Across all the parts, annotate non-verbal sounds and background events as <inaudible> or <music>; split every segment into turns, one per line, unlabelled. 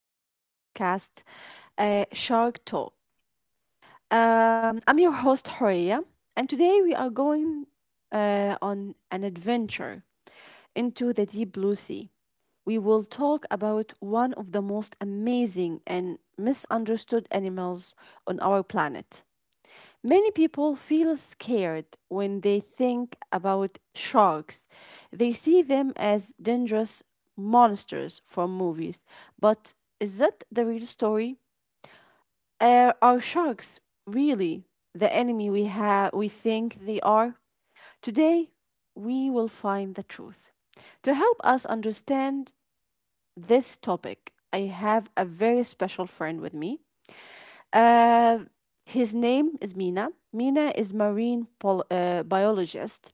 of your podcast, Shark Talk. I'm your host, Horia, and today we are going on an adventure into the deep blue sea. We will talk about one of the most amazing and misunderstood animals on our planet. Many people feel scared when they think about sharks. They see them as dangerous monsters from movies. But is that the real story? Are sharks really the enemy we, have? We think they are? Today, we will find the truth. To help us understand this topic, I have a very special friend with me. Uh, his name is Mina. Mina is marine biologist.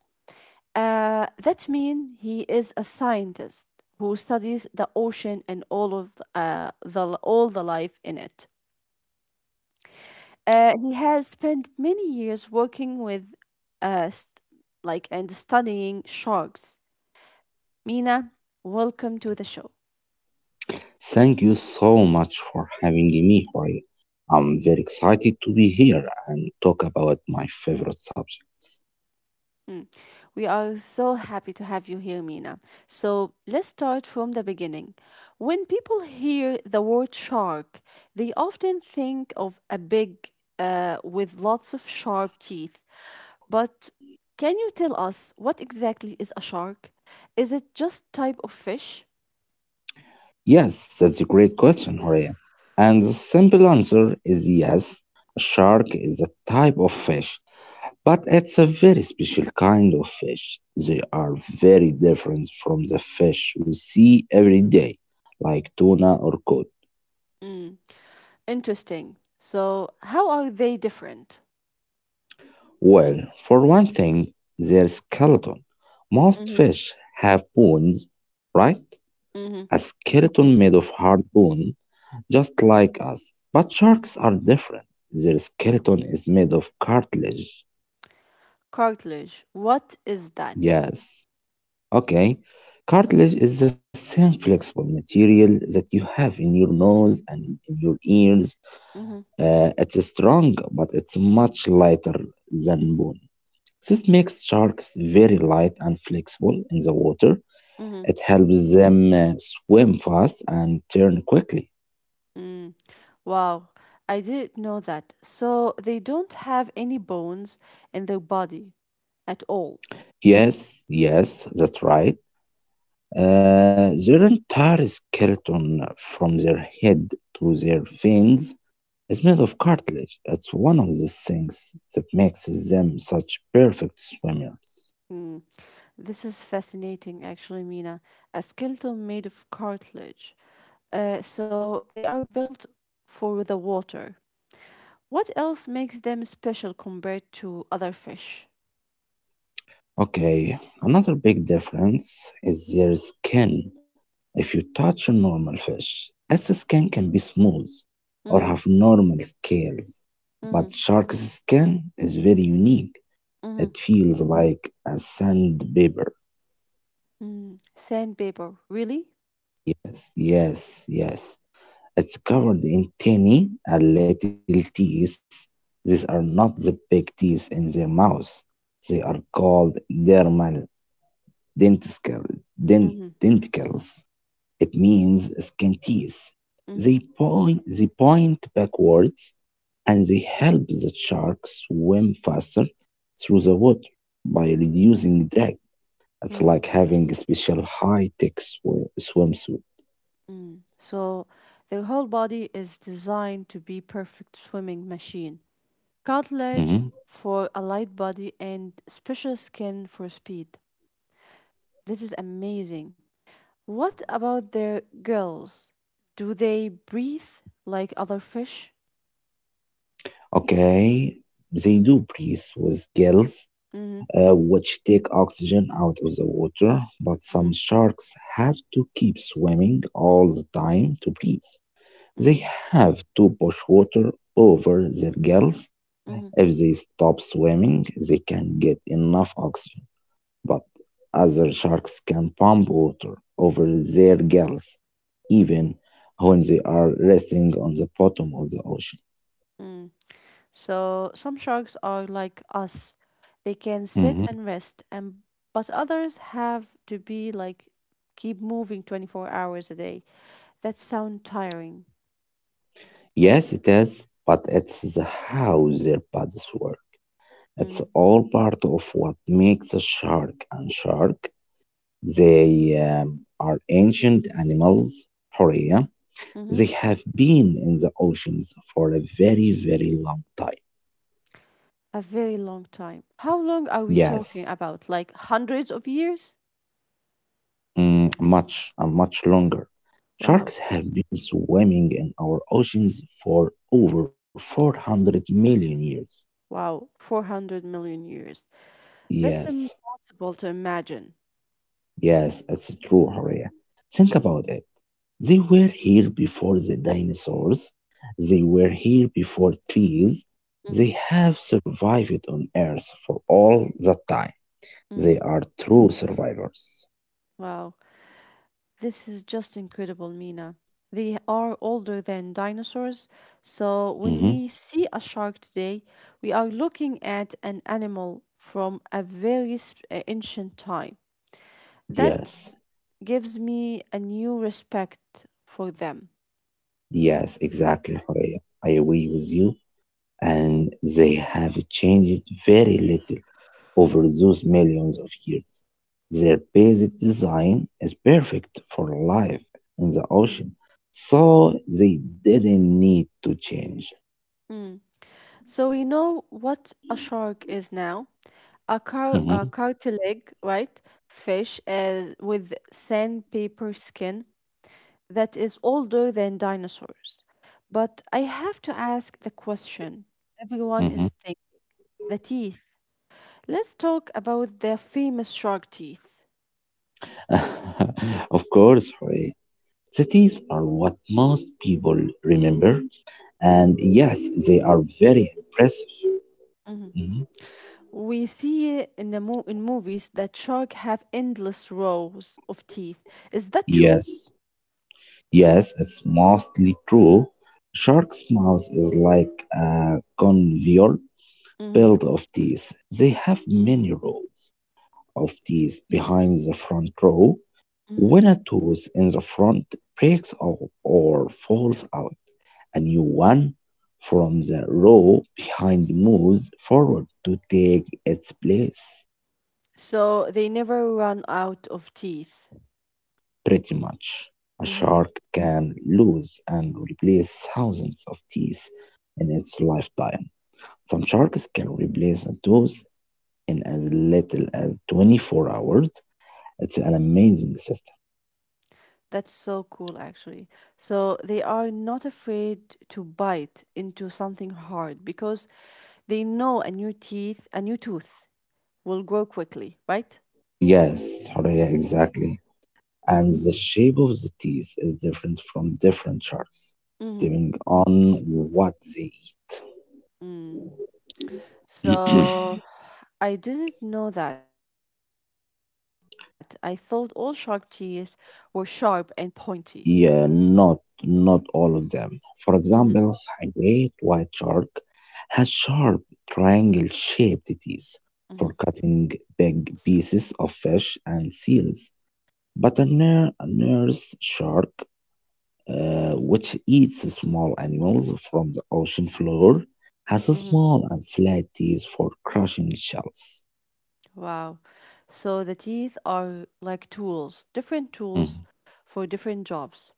That means he is a scientist who studies the ocean and all the life in it. He has spent many years working with st- like and studying sharks. Mina, welcome to the show.
Thank you so much for having me, Horia. I'm very excited to be here and talk about my favorite subjects.
Mm. We are so happy to have you here, Mina. So let's start from the beginning. When people hear the word shark, they often think of a big with lots of sharp teeth. But can you tell us what exactly is a shark? Is it just type of fish?
Yes, that's a great question, Horia. And the simple answer is yes, a shark is a type of fish, but it's a very special kind of fish. They are very different from the fish we see every day, like tuna or cod.
Mm. Interesting. So how are they different?
Well, for one thing, their skeleton. Most
Mm-hmm.
fish have bones, right? A
Mm-hmm.
skeleton made of hard bone, just like us. But sharks are different. Their skeleton is made of cartilage.
Cartilage. What is that?
Yes. Okay. Cartilage is the same flexible material that you have in your nose and in your ears.
Mm-hmm.
It's strong, but it's much lighter than bone. This makes sharks very light and flexible in the water. It
Mm-hmm.
helps them swim fast and turn quickly.
Mm. Wow, I didn't know that. So they don't have any bones in their body at all.
Yes, yes, that's right. Their entire skeleton, from their head to their fins, is made of cartilage. It's one of the things that makes them such perfect swimmers.
Mm. This is fascinating, actually, Mina. A skeleton made of cartilage. So they are built for the water. What else makes them special compared to other fish?
Okay, another big difference is their skin. If you touch a normal fish, its skin can be smooth or have
Mm-hmm,
normal scales, but
mm-hmm,
shark's skin is very unique. It
mm-hmm,
feels like a sandpaper.
mm-hmm. Sandpaper, really?
Yes, yes, yes. It's covered in tiny and little teeth. These are not the big teeth in their mouth. They are called dermal denticles.
Mm-hmm,
Denticles. It means scanties.
mm-hmm,
They point backwards and they help the shark swim faster through the water by reducing drag. It's like
mm.
having a special high tech swimsuit.
Mm. So their whole body is designed to be perfect swimming machine.
Mhm.
Cartilage for a light body and special skin for speed. This is amazing. What about their gills? Do they breathe like other fish?
Okay, they do breathe with gills,
Mm-hmm.
which take oxygen out of the water, but some
Mm-hmm.
sharks have to keep swimming all the time to breathe. They
Mm-hmm.
have to push water over themselves.
Mm-hmm.
If they stop swimming, they can get enough oxygen, but other sharks can pump water over their gills even when they are resting on the bottom of the ocean.
Mm. So some sharks are like us. They can
Mhm.
sit and rest and but others have to be like keep moving 24 hours a day. That sound tiring.
Yes, it is, but it's the how their bodies work. It's
Mm-hmm.
all part of what makes a shark and shark. They are ancient animals, Horea. They
Mm-hmm.
have been in the oceans for a very, very long time.
A very long time. How long are we
Yes,
talking about? Like hundreds of years?
much longer. Sharks
Wow.
have been swimming in our oceans for over 400 million years.
Wow. 400 million years. That's
Yes,
impossible to imagine.
yes, it's true, Horia. Think
Mm-hmm.
about it. They were here before the dinosaurs. They were here before trees. They
Mm-hmm.
have survived on Earth for all that time. They
Mm-hmm.
are true survivors.
Wow. This is just incredible, Mina. They are older than dinosaurs. So when
Mhm.
we see a shark today, we are looking at an animal from a very ancient time.
Yes,
That gives me a new respect for them.
yes, exactly, Horea. I agree with you. And they have changed very little over those millions of years. Their basic design is perfect for life in the
Mm,
ocean, so they didn't need to change.
mm. So we know what a shark is now. A,
Mhm,
cartilag, right? Fish with sandpaper skin that is older than dinosaurs. But I have to ask the question everyone
mhm.
is thinking, the teeth. Let's talk about the famous shark teeth.
<laughs> Of course, Horea. Cities are what most people remember,
Mhm,
and yes, they are very impressive.
mhm.
Mhm.
We see in movies that shark have endless rows of teeth. Is that true?
Yes, yes, it's mostly true. Shark's mouth is like a conveyor
Hmm.
belt of teeth. They have many rows of teeth behind the front row.
Hmm.
When a tooth in the front breaks off or falls out, a new one from the row behind moves forward to take its place.
So they never run out of teeth.
Pretty much, a
Hmm.
shark can lose and replace thousands of teeth in its lifetime. Some sharks can replace a tooth in as little as 24 hours. It's an amazing system.
That's so cool, actually. So they are not afraid to bite into something hard because they know a new teeth, a new tooth will grow quickly, right?
Yes, Horea, exactly. And the shape of the teeth is different from different sharks,
Hmm.
depending on what they
Mm.
eat.
So I didn't know that. I thought all shark teeth were sharp and pointy.
<clears throat> Yeah, not all of them. For
Mm-hmm,
example, a great white shark has sharp triangle-shaped teeth
mm-hmm,
for cutting big pieces of fish and seals. But a nurse shark, which eats small animals from the ocean floor, has a
mm-hmm.
small and flat teeth for crushing shells.
Wow. So the teeth are like tools, different tools
Mhm.
for different jobs.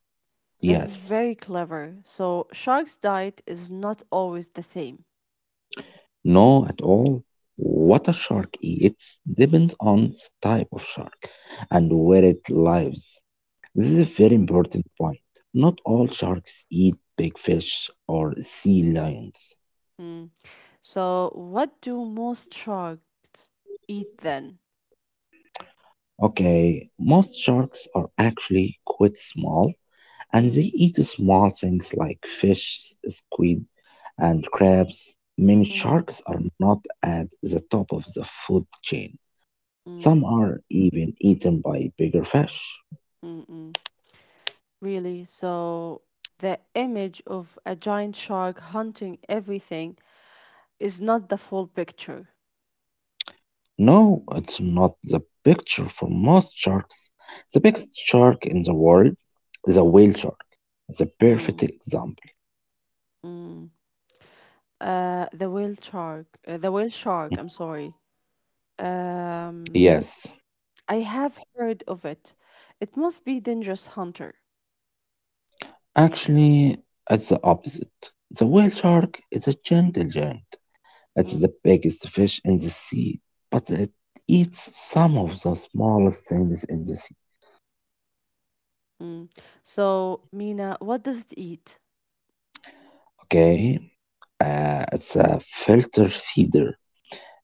That is
Yes,
very clever. So shark's diet is not always the same.
no at all. What a shark eats depends on the type of shark and where it lives. This is a very important point. Not all sharks eat big fish or sea lions.
Mm-hmm. So what do most sharks eat then?
Okay, most sharks are actually quite small and they
Mm-hmm,
eat small things like fish, squid, and crabs. Many sharks are not at the top of the food chain. Some
mm-hmm,
are even eaten by bigger fish.
mm-hmm. Really? So the image of a giant shark hunting everything is not the full picture.
No, it's not the picture for most sharks. The biggest shark in the world is a whale shark. It's a perfect example.
Mm-hmm. The whale shark. The whale shark. I'm sorry. Um,
Yes,
I have heard of it. It must be dangerous hunter.
actually, it's the opposite. The whale shark is a gentle giant.
Mm,
It's the biggest fish in the sea, but it eats some of the smallest things in the sea.
mm. So, Mina, what does it eat?
Okay, it's a filter feeder.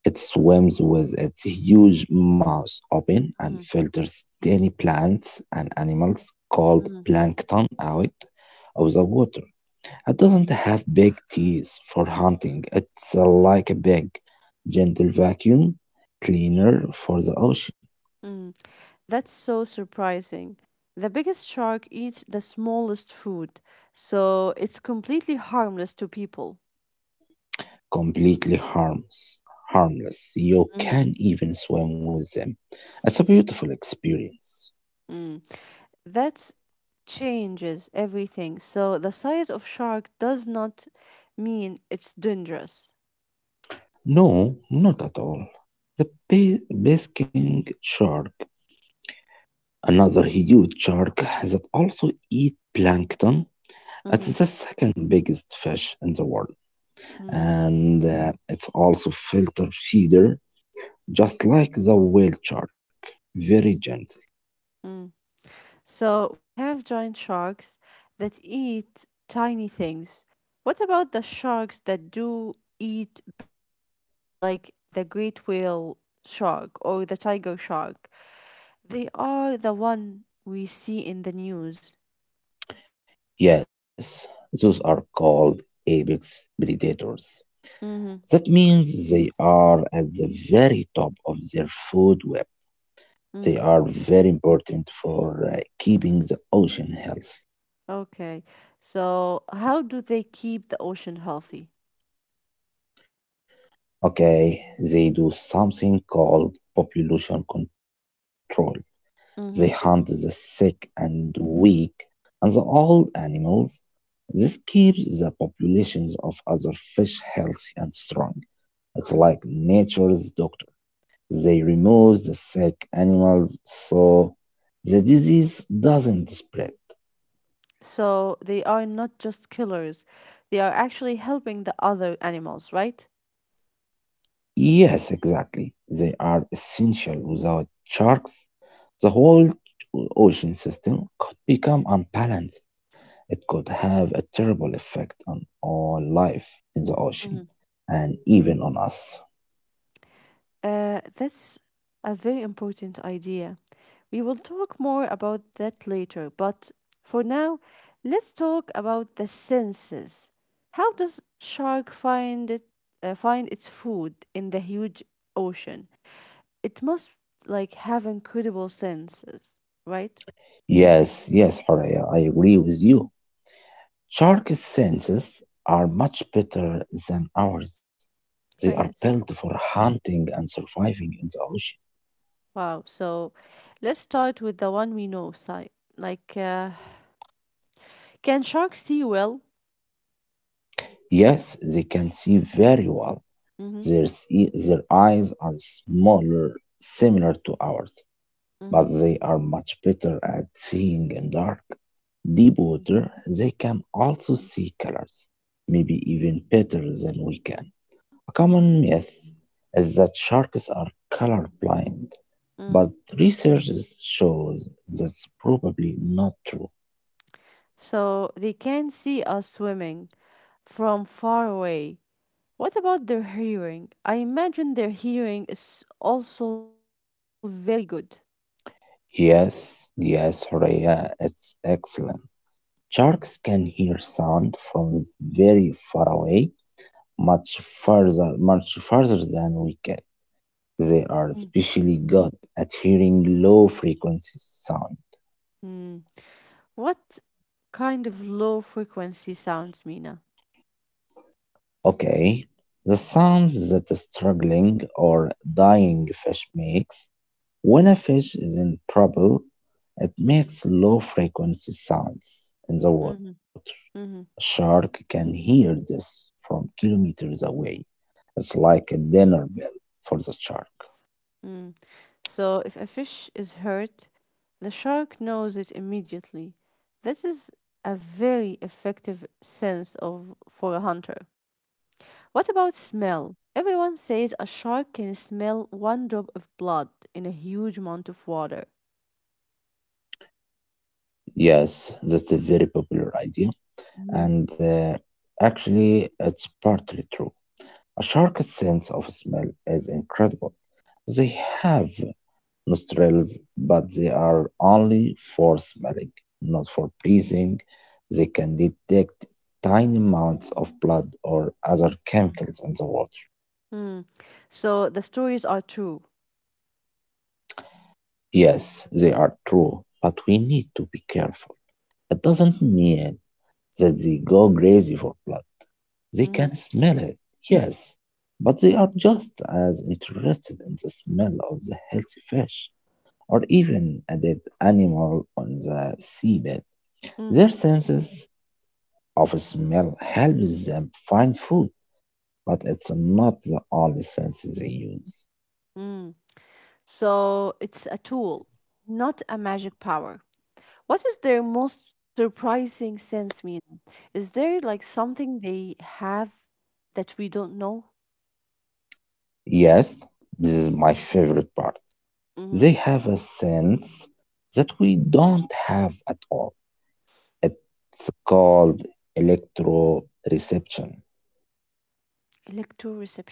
It swims with its huge mouth open and
Mhm,
filters tiny plants and animals called
mhm,
plankton out of the water. It doesn't have big teeth for hunting. It's like a big, gentle vacuum cleaner for the ocean.
mm. That's so surprising. The biggest shark eats the smallest food, so it's completely harmless to people.
Completely harmless. Harmless. You
Mhm,
can even swim with them. It's a beautiful experience.
mm. That changes everything. So the size of shark does not mean it's dangerous.
No, not at all. The basking shark, another huge shark that also eat plankton. It's the
Mhm,
second biggest fish in the world,
mm,
and it's also filter feeder, just like the whale shark. Very gentle.
mm. So we have giant sharks that eat tiny things. What about the sharks that do eat bigger animals, like the great whale shark or the tiger shark? They are the one we see in the news.
Yes, those are called apex predators. That
Mm-hmm.
means they are at the very top of their food web. They
Mm.
are very important for keeping the ocean healthy.
Okay. So how do they keep the ocean healthy?
Okay, they do something called population control. They hunt the
Mm-hmm.
sick and weak and the old animals. This keeps the populations of other fish healthy and strong. It's like
Mm.
nature's doctor. They remove the sick animals so the disease doesn't spread.
So they are not just killers, they are actually helping the other animals, right?
Yes, exactly. They are essential. Without sharks, the whole ocean system could become unbalanced. It could have a terrible effect on all life in the ocean and even on us.
That's a very important idea. We will talk more about that later, but for now, let's talk about the senses. How does shark find it find its food in the huge ocean? It must like have incredible senses, right?
Yes, yes, Horaya, I agree with you. Sharks' senses are much better than ours. They
Oh,
are
yes.
built for hunting and surviving in the ocean.
Wow. So let's start with the one we know, side. Like, can sharks see well?
Yes, they can see very well.
Mm-hmm.
Their eyes are smaller, similar to ours,
Mm-hmm.
but they are much better at seeing in dark, deep water. They can also see colors, maybe even better than we can. A common myth is that sharks are colorblind,
Mm-hmm.
but shows that's probably not true.
So they can see us swimming from far away. What about their hearing? I imagine their hearing is also very good.
Yes, yes, Horea, it's excellent. Sharks can hear sound from very far away, much much further than we can. They
Mm.
are especially good at hearing low frequency sound.
Mm. What kind of low frequency sounds, Mina?
Okay, the sounds that a struggling or dying fish makes when a fish is in trouble, it makes low frequency sounds in the
Mm-hmm.
water.
Mm-hmm.
A shark can hear this from kilometers away. It's like a dinner bell for the shark.
Mm. So if a fish is hurt, the shark knows it immediately. This is a very effective sense of for a hunter. What about smell? Everyone says a shark can smell one drop of blood in a huge amount of water.
Yes, that's a very popular idea, and
Mhm.
actually, it's partly true. A shark's sense of smell is incredible. They have nostrils, but they are only for smelling, not for breathing. They can detect tiny amounts of blood or other chemicals in the water.
Mm. So the stories are true.
Yes, they are true, but we need to be careful. It doesn't mean that they go crazy for blood. They can
Hmm.
smell it, yes, but they are just as interested in the smell of the healthy fish or even a dead animal on the seabed. Their
Hmm.
senses of smell helps them find food, but it's not the only sense they use.
Mm. So it's a tool, not a magic power. What is their most surprising sense mean? Is there like something they have that we don't know?
Yes, this is my favorite part.
Hmm.
They have a sense that we don't have at all. It's called electroreception.
Electroreception.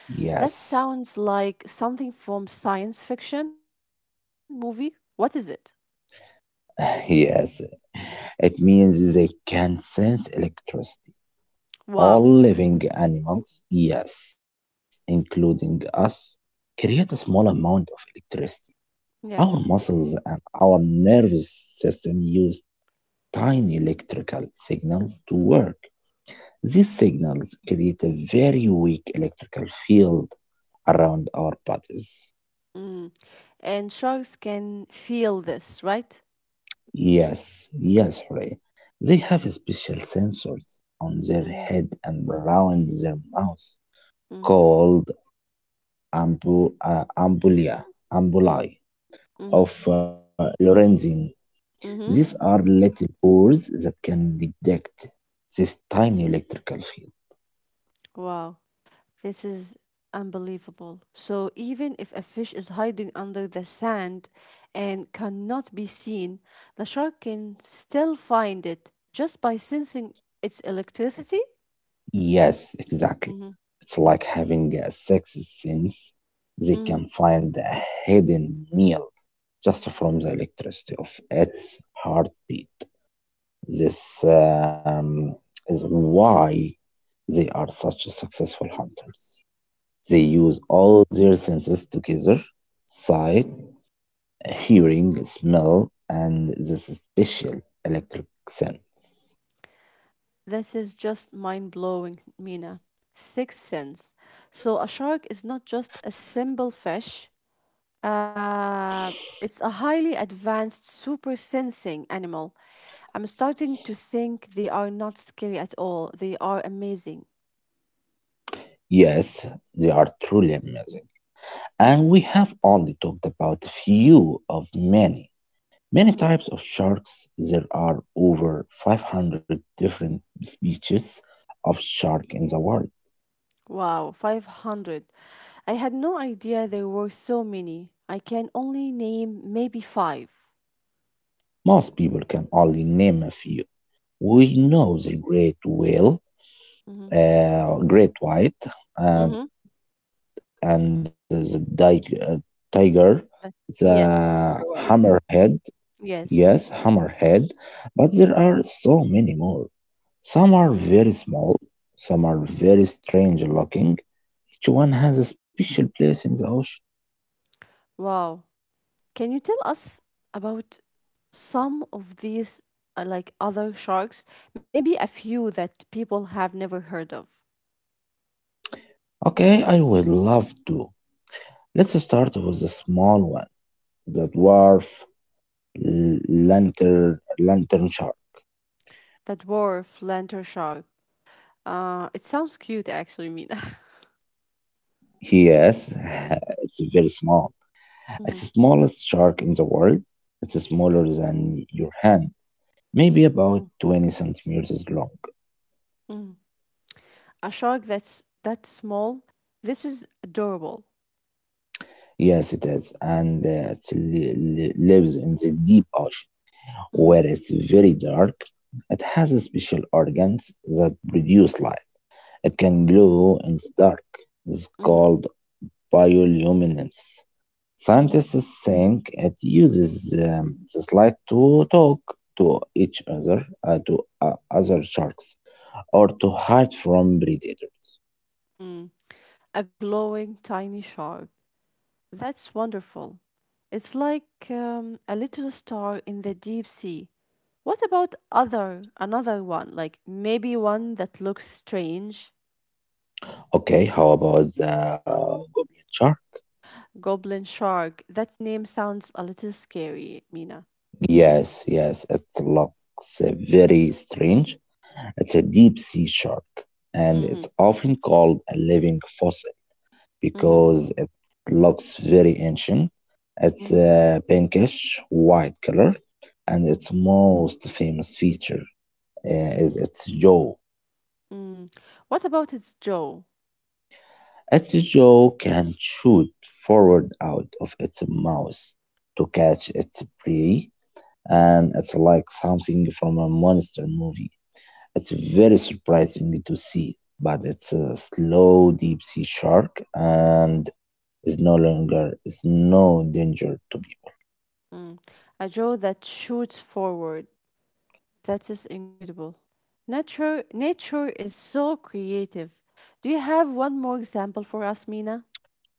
That sounds
Yes,
like something from science fiction movie. What is it?
<laughs> yes. It means they can sense electricity.
Wow.
All living animals, yes, including us, create a small amount of electricity. Our
Yes.
muscles and our nervous system use tiny electrical signals to work. These signals create a very weak electrical field around our bodies.
Mm. And sharks can feel this, right?
Yes, yes, Hooray. They have special sensors on their
Mm.
head and around their mouth
Mm.
called ambu- uh, ambulia,
Mm.
ambuli
Mm.
of Lorenzin. These
Mm.
are little pores that can detect this tiny electrical field.
Wow. This is unbelievable. So even if a fish is hiding under the sand and cannot be seen, the shark can still find it just by sensing its electricity.
Yes, exactly.
Mm-hmm.
It's like having a sixth sense. They
Mm-hmm.
can find a hidden meal just from the electricity of its heartbeat. This is why they are such successful hunters. They use all their senses together: sight, hearing, smell, and the special electric sense.
This is just mind blowing, Mina. Sixth sense. So, a shark is not just a simple fish, uh, it's a highly advanced, super sensing animal. I'm starting to think they are not scary at all. They are amazing.
Yes, they are truly amazing. And we have only talked about a few of many. Many
Mhm.
types of sharks. There are over 500 different species of shark in the world.
Wow, 500. I had no idea there were so many. I can only name maybe 5.
Most people can only name a few. We know the great whale,
Mm-hmm.
great white, and
Mm-hmm.
and the dig- uh, tiger, the
Yes, the tiger one.
hammerhead. Yes,
Yes.
hammerhead. But there are so many more. Some are
Mm.
very small, some are very strange looking. Each one has a special place in the ocean.
Wow. Can you tell us about some of these, like other sharks? Maybe a few that people have never heard of.
Okay, I would love to. Let's start with the small one, the dwarf lantern shark.
The dwarf lantern shark. It sounds cute, actually, Mina. <laughs>
Yes, <laughs> it's very small. It's the
Mhm,
smallest shark in the world. It's smaller than your hand, maybe about
mm,
20 centimeters long.
mm. <laughs> A shark that's that small. This is adorable.
Yes, it is, and lives in the deep ocean, where
Mhm,
it's very dark. It has a special organs that produce light. It can glow in the dark. It's
mm,
called bioluminescence.
mm,
Scientists think it uses this light to talk to each other, to other sharks. Or to hide from predators.
mm. A glowing tiny shark. That's wonderful. It's like a little star in the deep sea. What about other another one? Like maybe one that looks strange.
Okay, how about the goblin shark?
Goblin shark. That name sounds a little scary, Mina.
Yes, yes, it looks very strange. It's a deep sea shark and it's
Mm-hmm.
often called a living fossil
Mm-hmm.
because it looks very ancient. It's
Mm-hmm.
a pinkish white color and
Mm-hmm.
its most famous feature is its jaw.
Mm. What about its jaw?
Its jaw can shoot forward out of its mouth to catch its prey, and it's like something from a monster movie. It's very surprising to see, but it's a slow deep sea shark and is no danger to people.
Mm. A jaw that shoots forward. That is incredible. Nature is so creative. Do you have one more example for us, Mina?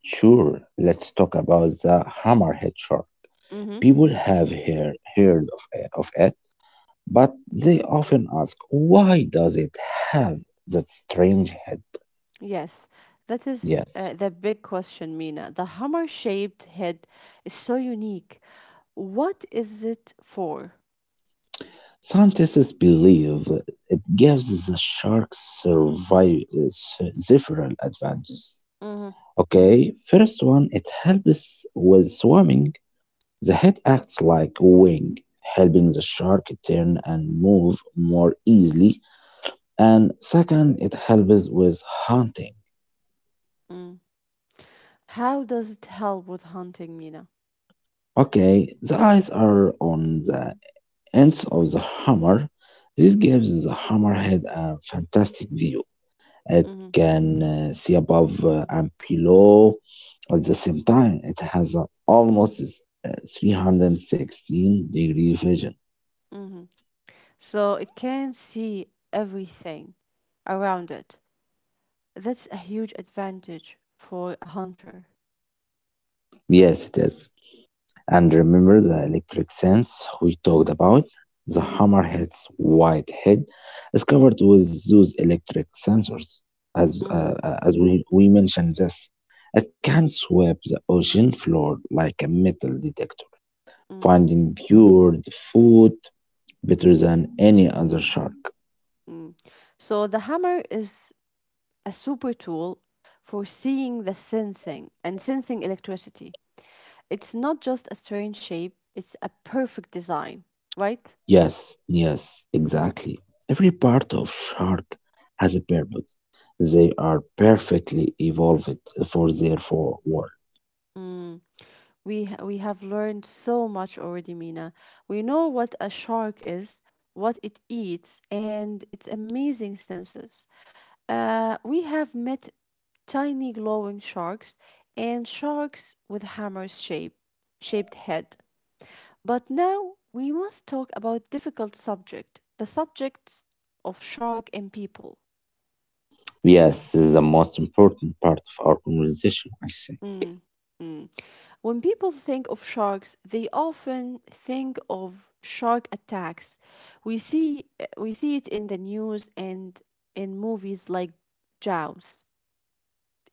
Sure, let's talk about the hammerhead shark.
Mm-hmm.
People have heard of it, but they often ask, why does it have that strange head?
Yes, that is
Yes.
the big question, Mina. The hammer shaped head is so unique. What is it for?
Scientists believe it gives the shark several advantages.
Hmm.
Okay, first one, it helps with swimming. The head acts like a wing, helping the shark turn and move more easily. And second, it helps with hunting.
Mm. How does it help with hunting, Mina?
Okay, the eyes are on the ends of the hammer. This gives the hammerhead a fantastic view. It
Hmm.
can see above and below. At the same time, it has a almost 316-degree vision.
Hmm. So it can see everything around it. That's a huge advantage for a hunter.
Yes, it is. And remember the electric sense we talked
Hmm.
about? The
Hmm.
hammerhead's white head is covered with those electric sensors. As, uh,
Hmm.
uh, as we, we mentioned this, it can sweep the ocean floor like a metal detector,
Hmm.
finding cured food better than any other shark.
Mm. So the hammer is a super tool for seeing the sensing and sensing electricity. It's not just a strange shape, it's a perfect design, right?
Yes, yes, exactly. Every part of shark has a purpose. They are perfectly evolved for work.
Mm. We have learned so much already, Mina. We know what a shark is, what it eats, and its amazing senses. We have met tiny glowing sharks and sharks with hammers shape, shaped head. But now we must talk about difficult subject, the subject of shark in people.
Yes, this is the most important part of our conversation, I say.
Mm, mm. When people think of sharks, they often think of shark attacks. We see we see it in the news and in movies like Jaws.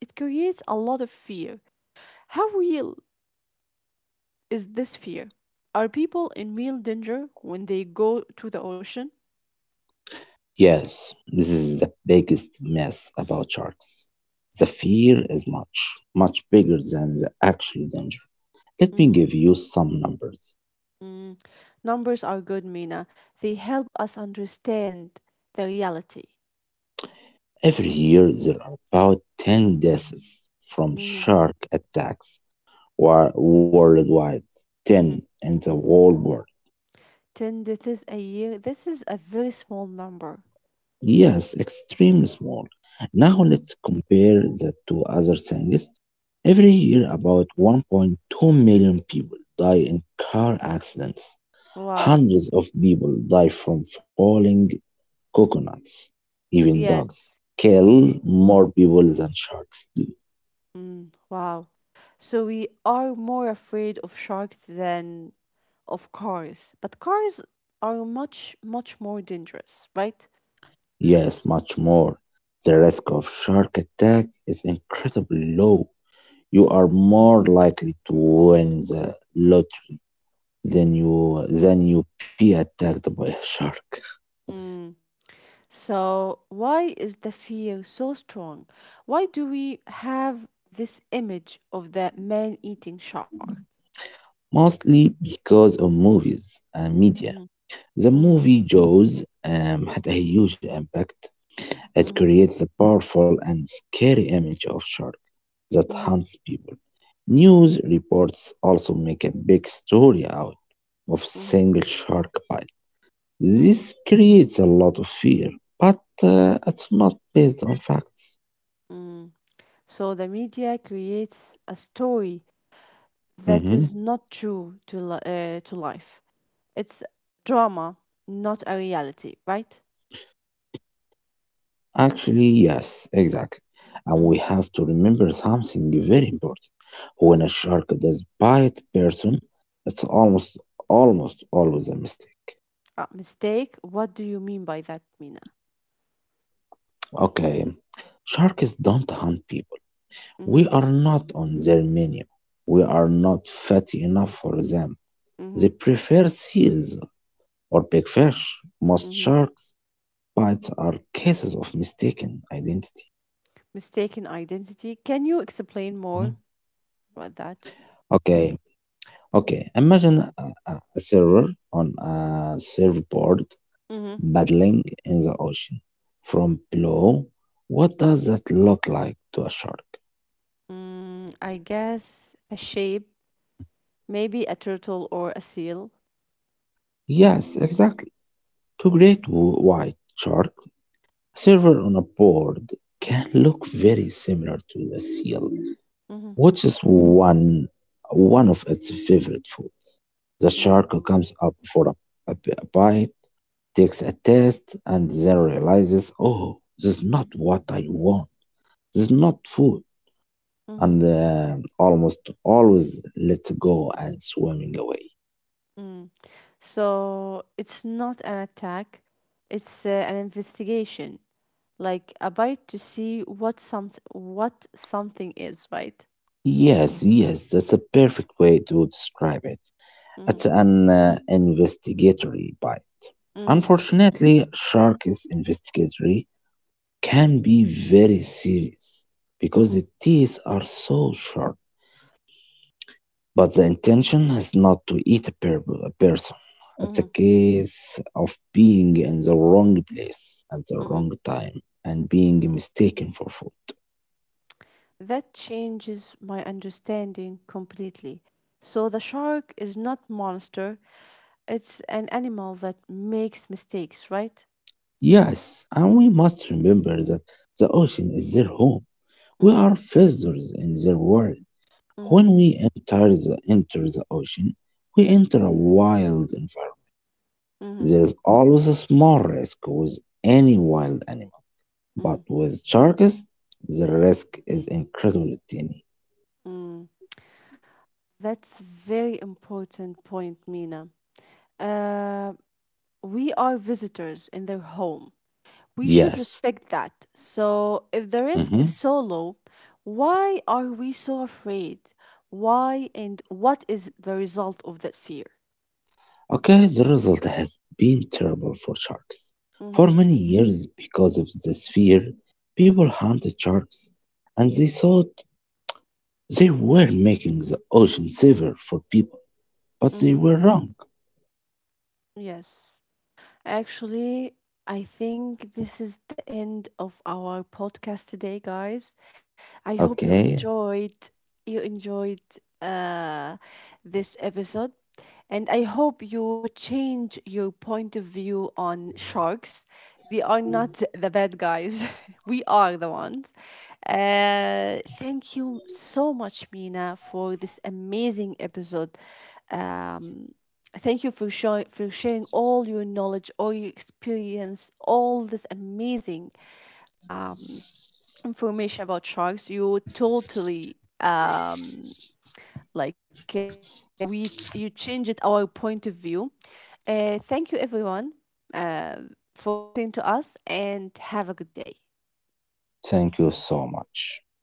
It creates a lot of fear. How real is this fear? Are people in real danger when they go to the ocean?
Yes, this is the biggest mess about sharks. The fear is much, much bigger than the actual danger. Let me give you some numbers.
Mm. Numbers are good, Mina. They help us understand the reality.
Every year, there are about 10 deaths from
Mm-hmm.
shark attacks worldwide. 10
Mm-hmm.
in the whole world.
10 deaths a year. This is a very small number.
Yes, extremely small. Now
Mm-hmm.
let's compare that to other things. Every year, about 1.2 million people die in car accidents.
Wow.
Hundreds of people die from falling coconuts. Even dogs
Yes. Mm,
kill more people than sharks do.
mm, wow. So we are more afraid of sharks than of cars. But cars are much, much more dangerous, right?
Yes, much more. The risk of shark attack is incredibly low. You
Mm,
are more likely to win the lottery than you be attacked by a shark,
mm. So, why is the fear so strong? Why do we have this image of the man eating shark?
mostly because of movies and media.
Mhm,
The
mhm,
movie Jaws had a huge impact. It
mhm,
created a powerful and scary image of shark that
mhm,
hunts people.
mhm,
News reports also make a big story out of
mhm,
single shark bite.
mhm,
This creates a lot of fear, but it's not based on facts.
mhm. So, the media creates a story
Hmm.
that is not true to, to life. It's drama, not a reality, right?
Actually, yes, exactly. And we have to remember
Mm-hmm,
something very important. When a shark does
mm-hmm.
bite person, it's almost always a mistake.
Ah, mistake? What do you mean by that, Mina?
Okay, sharks don't hunt people. We are
Mm-hmm,
not on their menu. We are not fatty enough for them. They prefer seals or big fish. Most
mm-hmm.
sharks bites are cases of mistaken identity.
Mistaken identity. Can you explain
Mhm.
more about that?
Okay, okay. Imagine a a server on a surfboard
Mm-hmm.
paddling in the ocean. From below, what does that look like to a shark?
Mm, I guess a shape, maybe a turtle or a seal.
Yes, exactly. To great white shark, a server on a board can look very similar to a seal,
Mm-hmm.
which is one of its favorite foods. The
Mm,
shark comes up for a, a bite, takes a test, and then realizes, oh, this is not what I want. This is not food.
mm-hmm.
And almost always lets go and swimming away.
Mm. So it's not an attack, it's an investigation, like a bite to see what something is, right?
Yes, yes, that's a perfect way to describe it.
Mm-hmm.
It's an investigatory bite.
Mm-hmm.
Unfortunately, sharks investigatory can be very serious because
Mm-hmm.
the teeth are so sharp. But the intention is not to eat a person.
Mm-hmm.
It's a case of being in the wrong place at the
Mm-hmm.
wrong time and being mistaken for food.
That changes my understanding completely. So the shark is not monster, it's an animal that makes mistakes, right?
Yes, and we must remember that the ocean is their home.
Mm-hmm.
We are visitors in their world.
Mm-hmm.
When we enter enter the ocean, we enter a wild environment.
Mm-hmm.
There's always a small risk with any wild animal,
Mm.
but with sharks, the risk is incredibly tiny.
Mm. That's very important point, Mina. Uh, we are visitors in their home. We should
Yes.
respect that. So if the risk is
Hmm.
so low, why are we so afraid? Why and what is the result of that fear?
Okay, the result has been terrible for sharks.
Mm-hmm.
For many years, because of this fear, people hunted sharks and they thought they were making the ocean safer for people,
Mm-hmm.
but they were wrong.
Yes. Actually, I think this is the end of our podcast today, guys. I hope you
Okay,
enjoyed you enjoyed uh, this episode, and I hope you change your point of view on sharks. They are not the bad guys. <laughs> We are the ones. Thank you so much, Mina, for this amazing episode. Thank you for, for sharing all your knowledge, all your experience, all this amazing information about sharks. You totally like uh, you changed our point of view. Thank you everyone uh, for listening to us and have a good day.
thank you so much.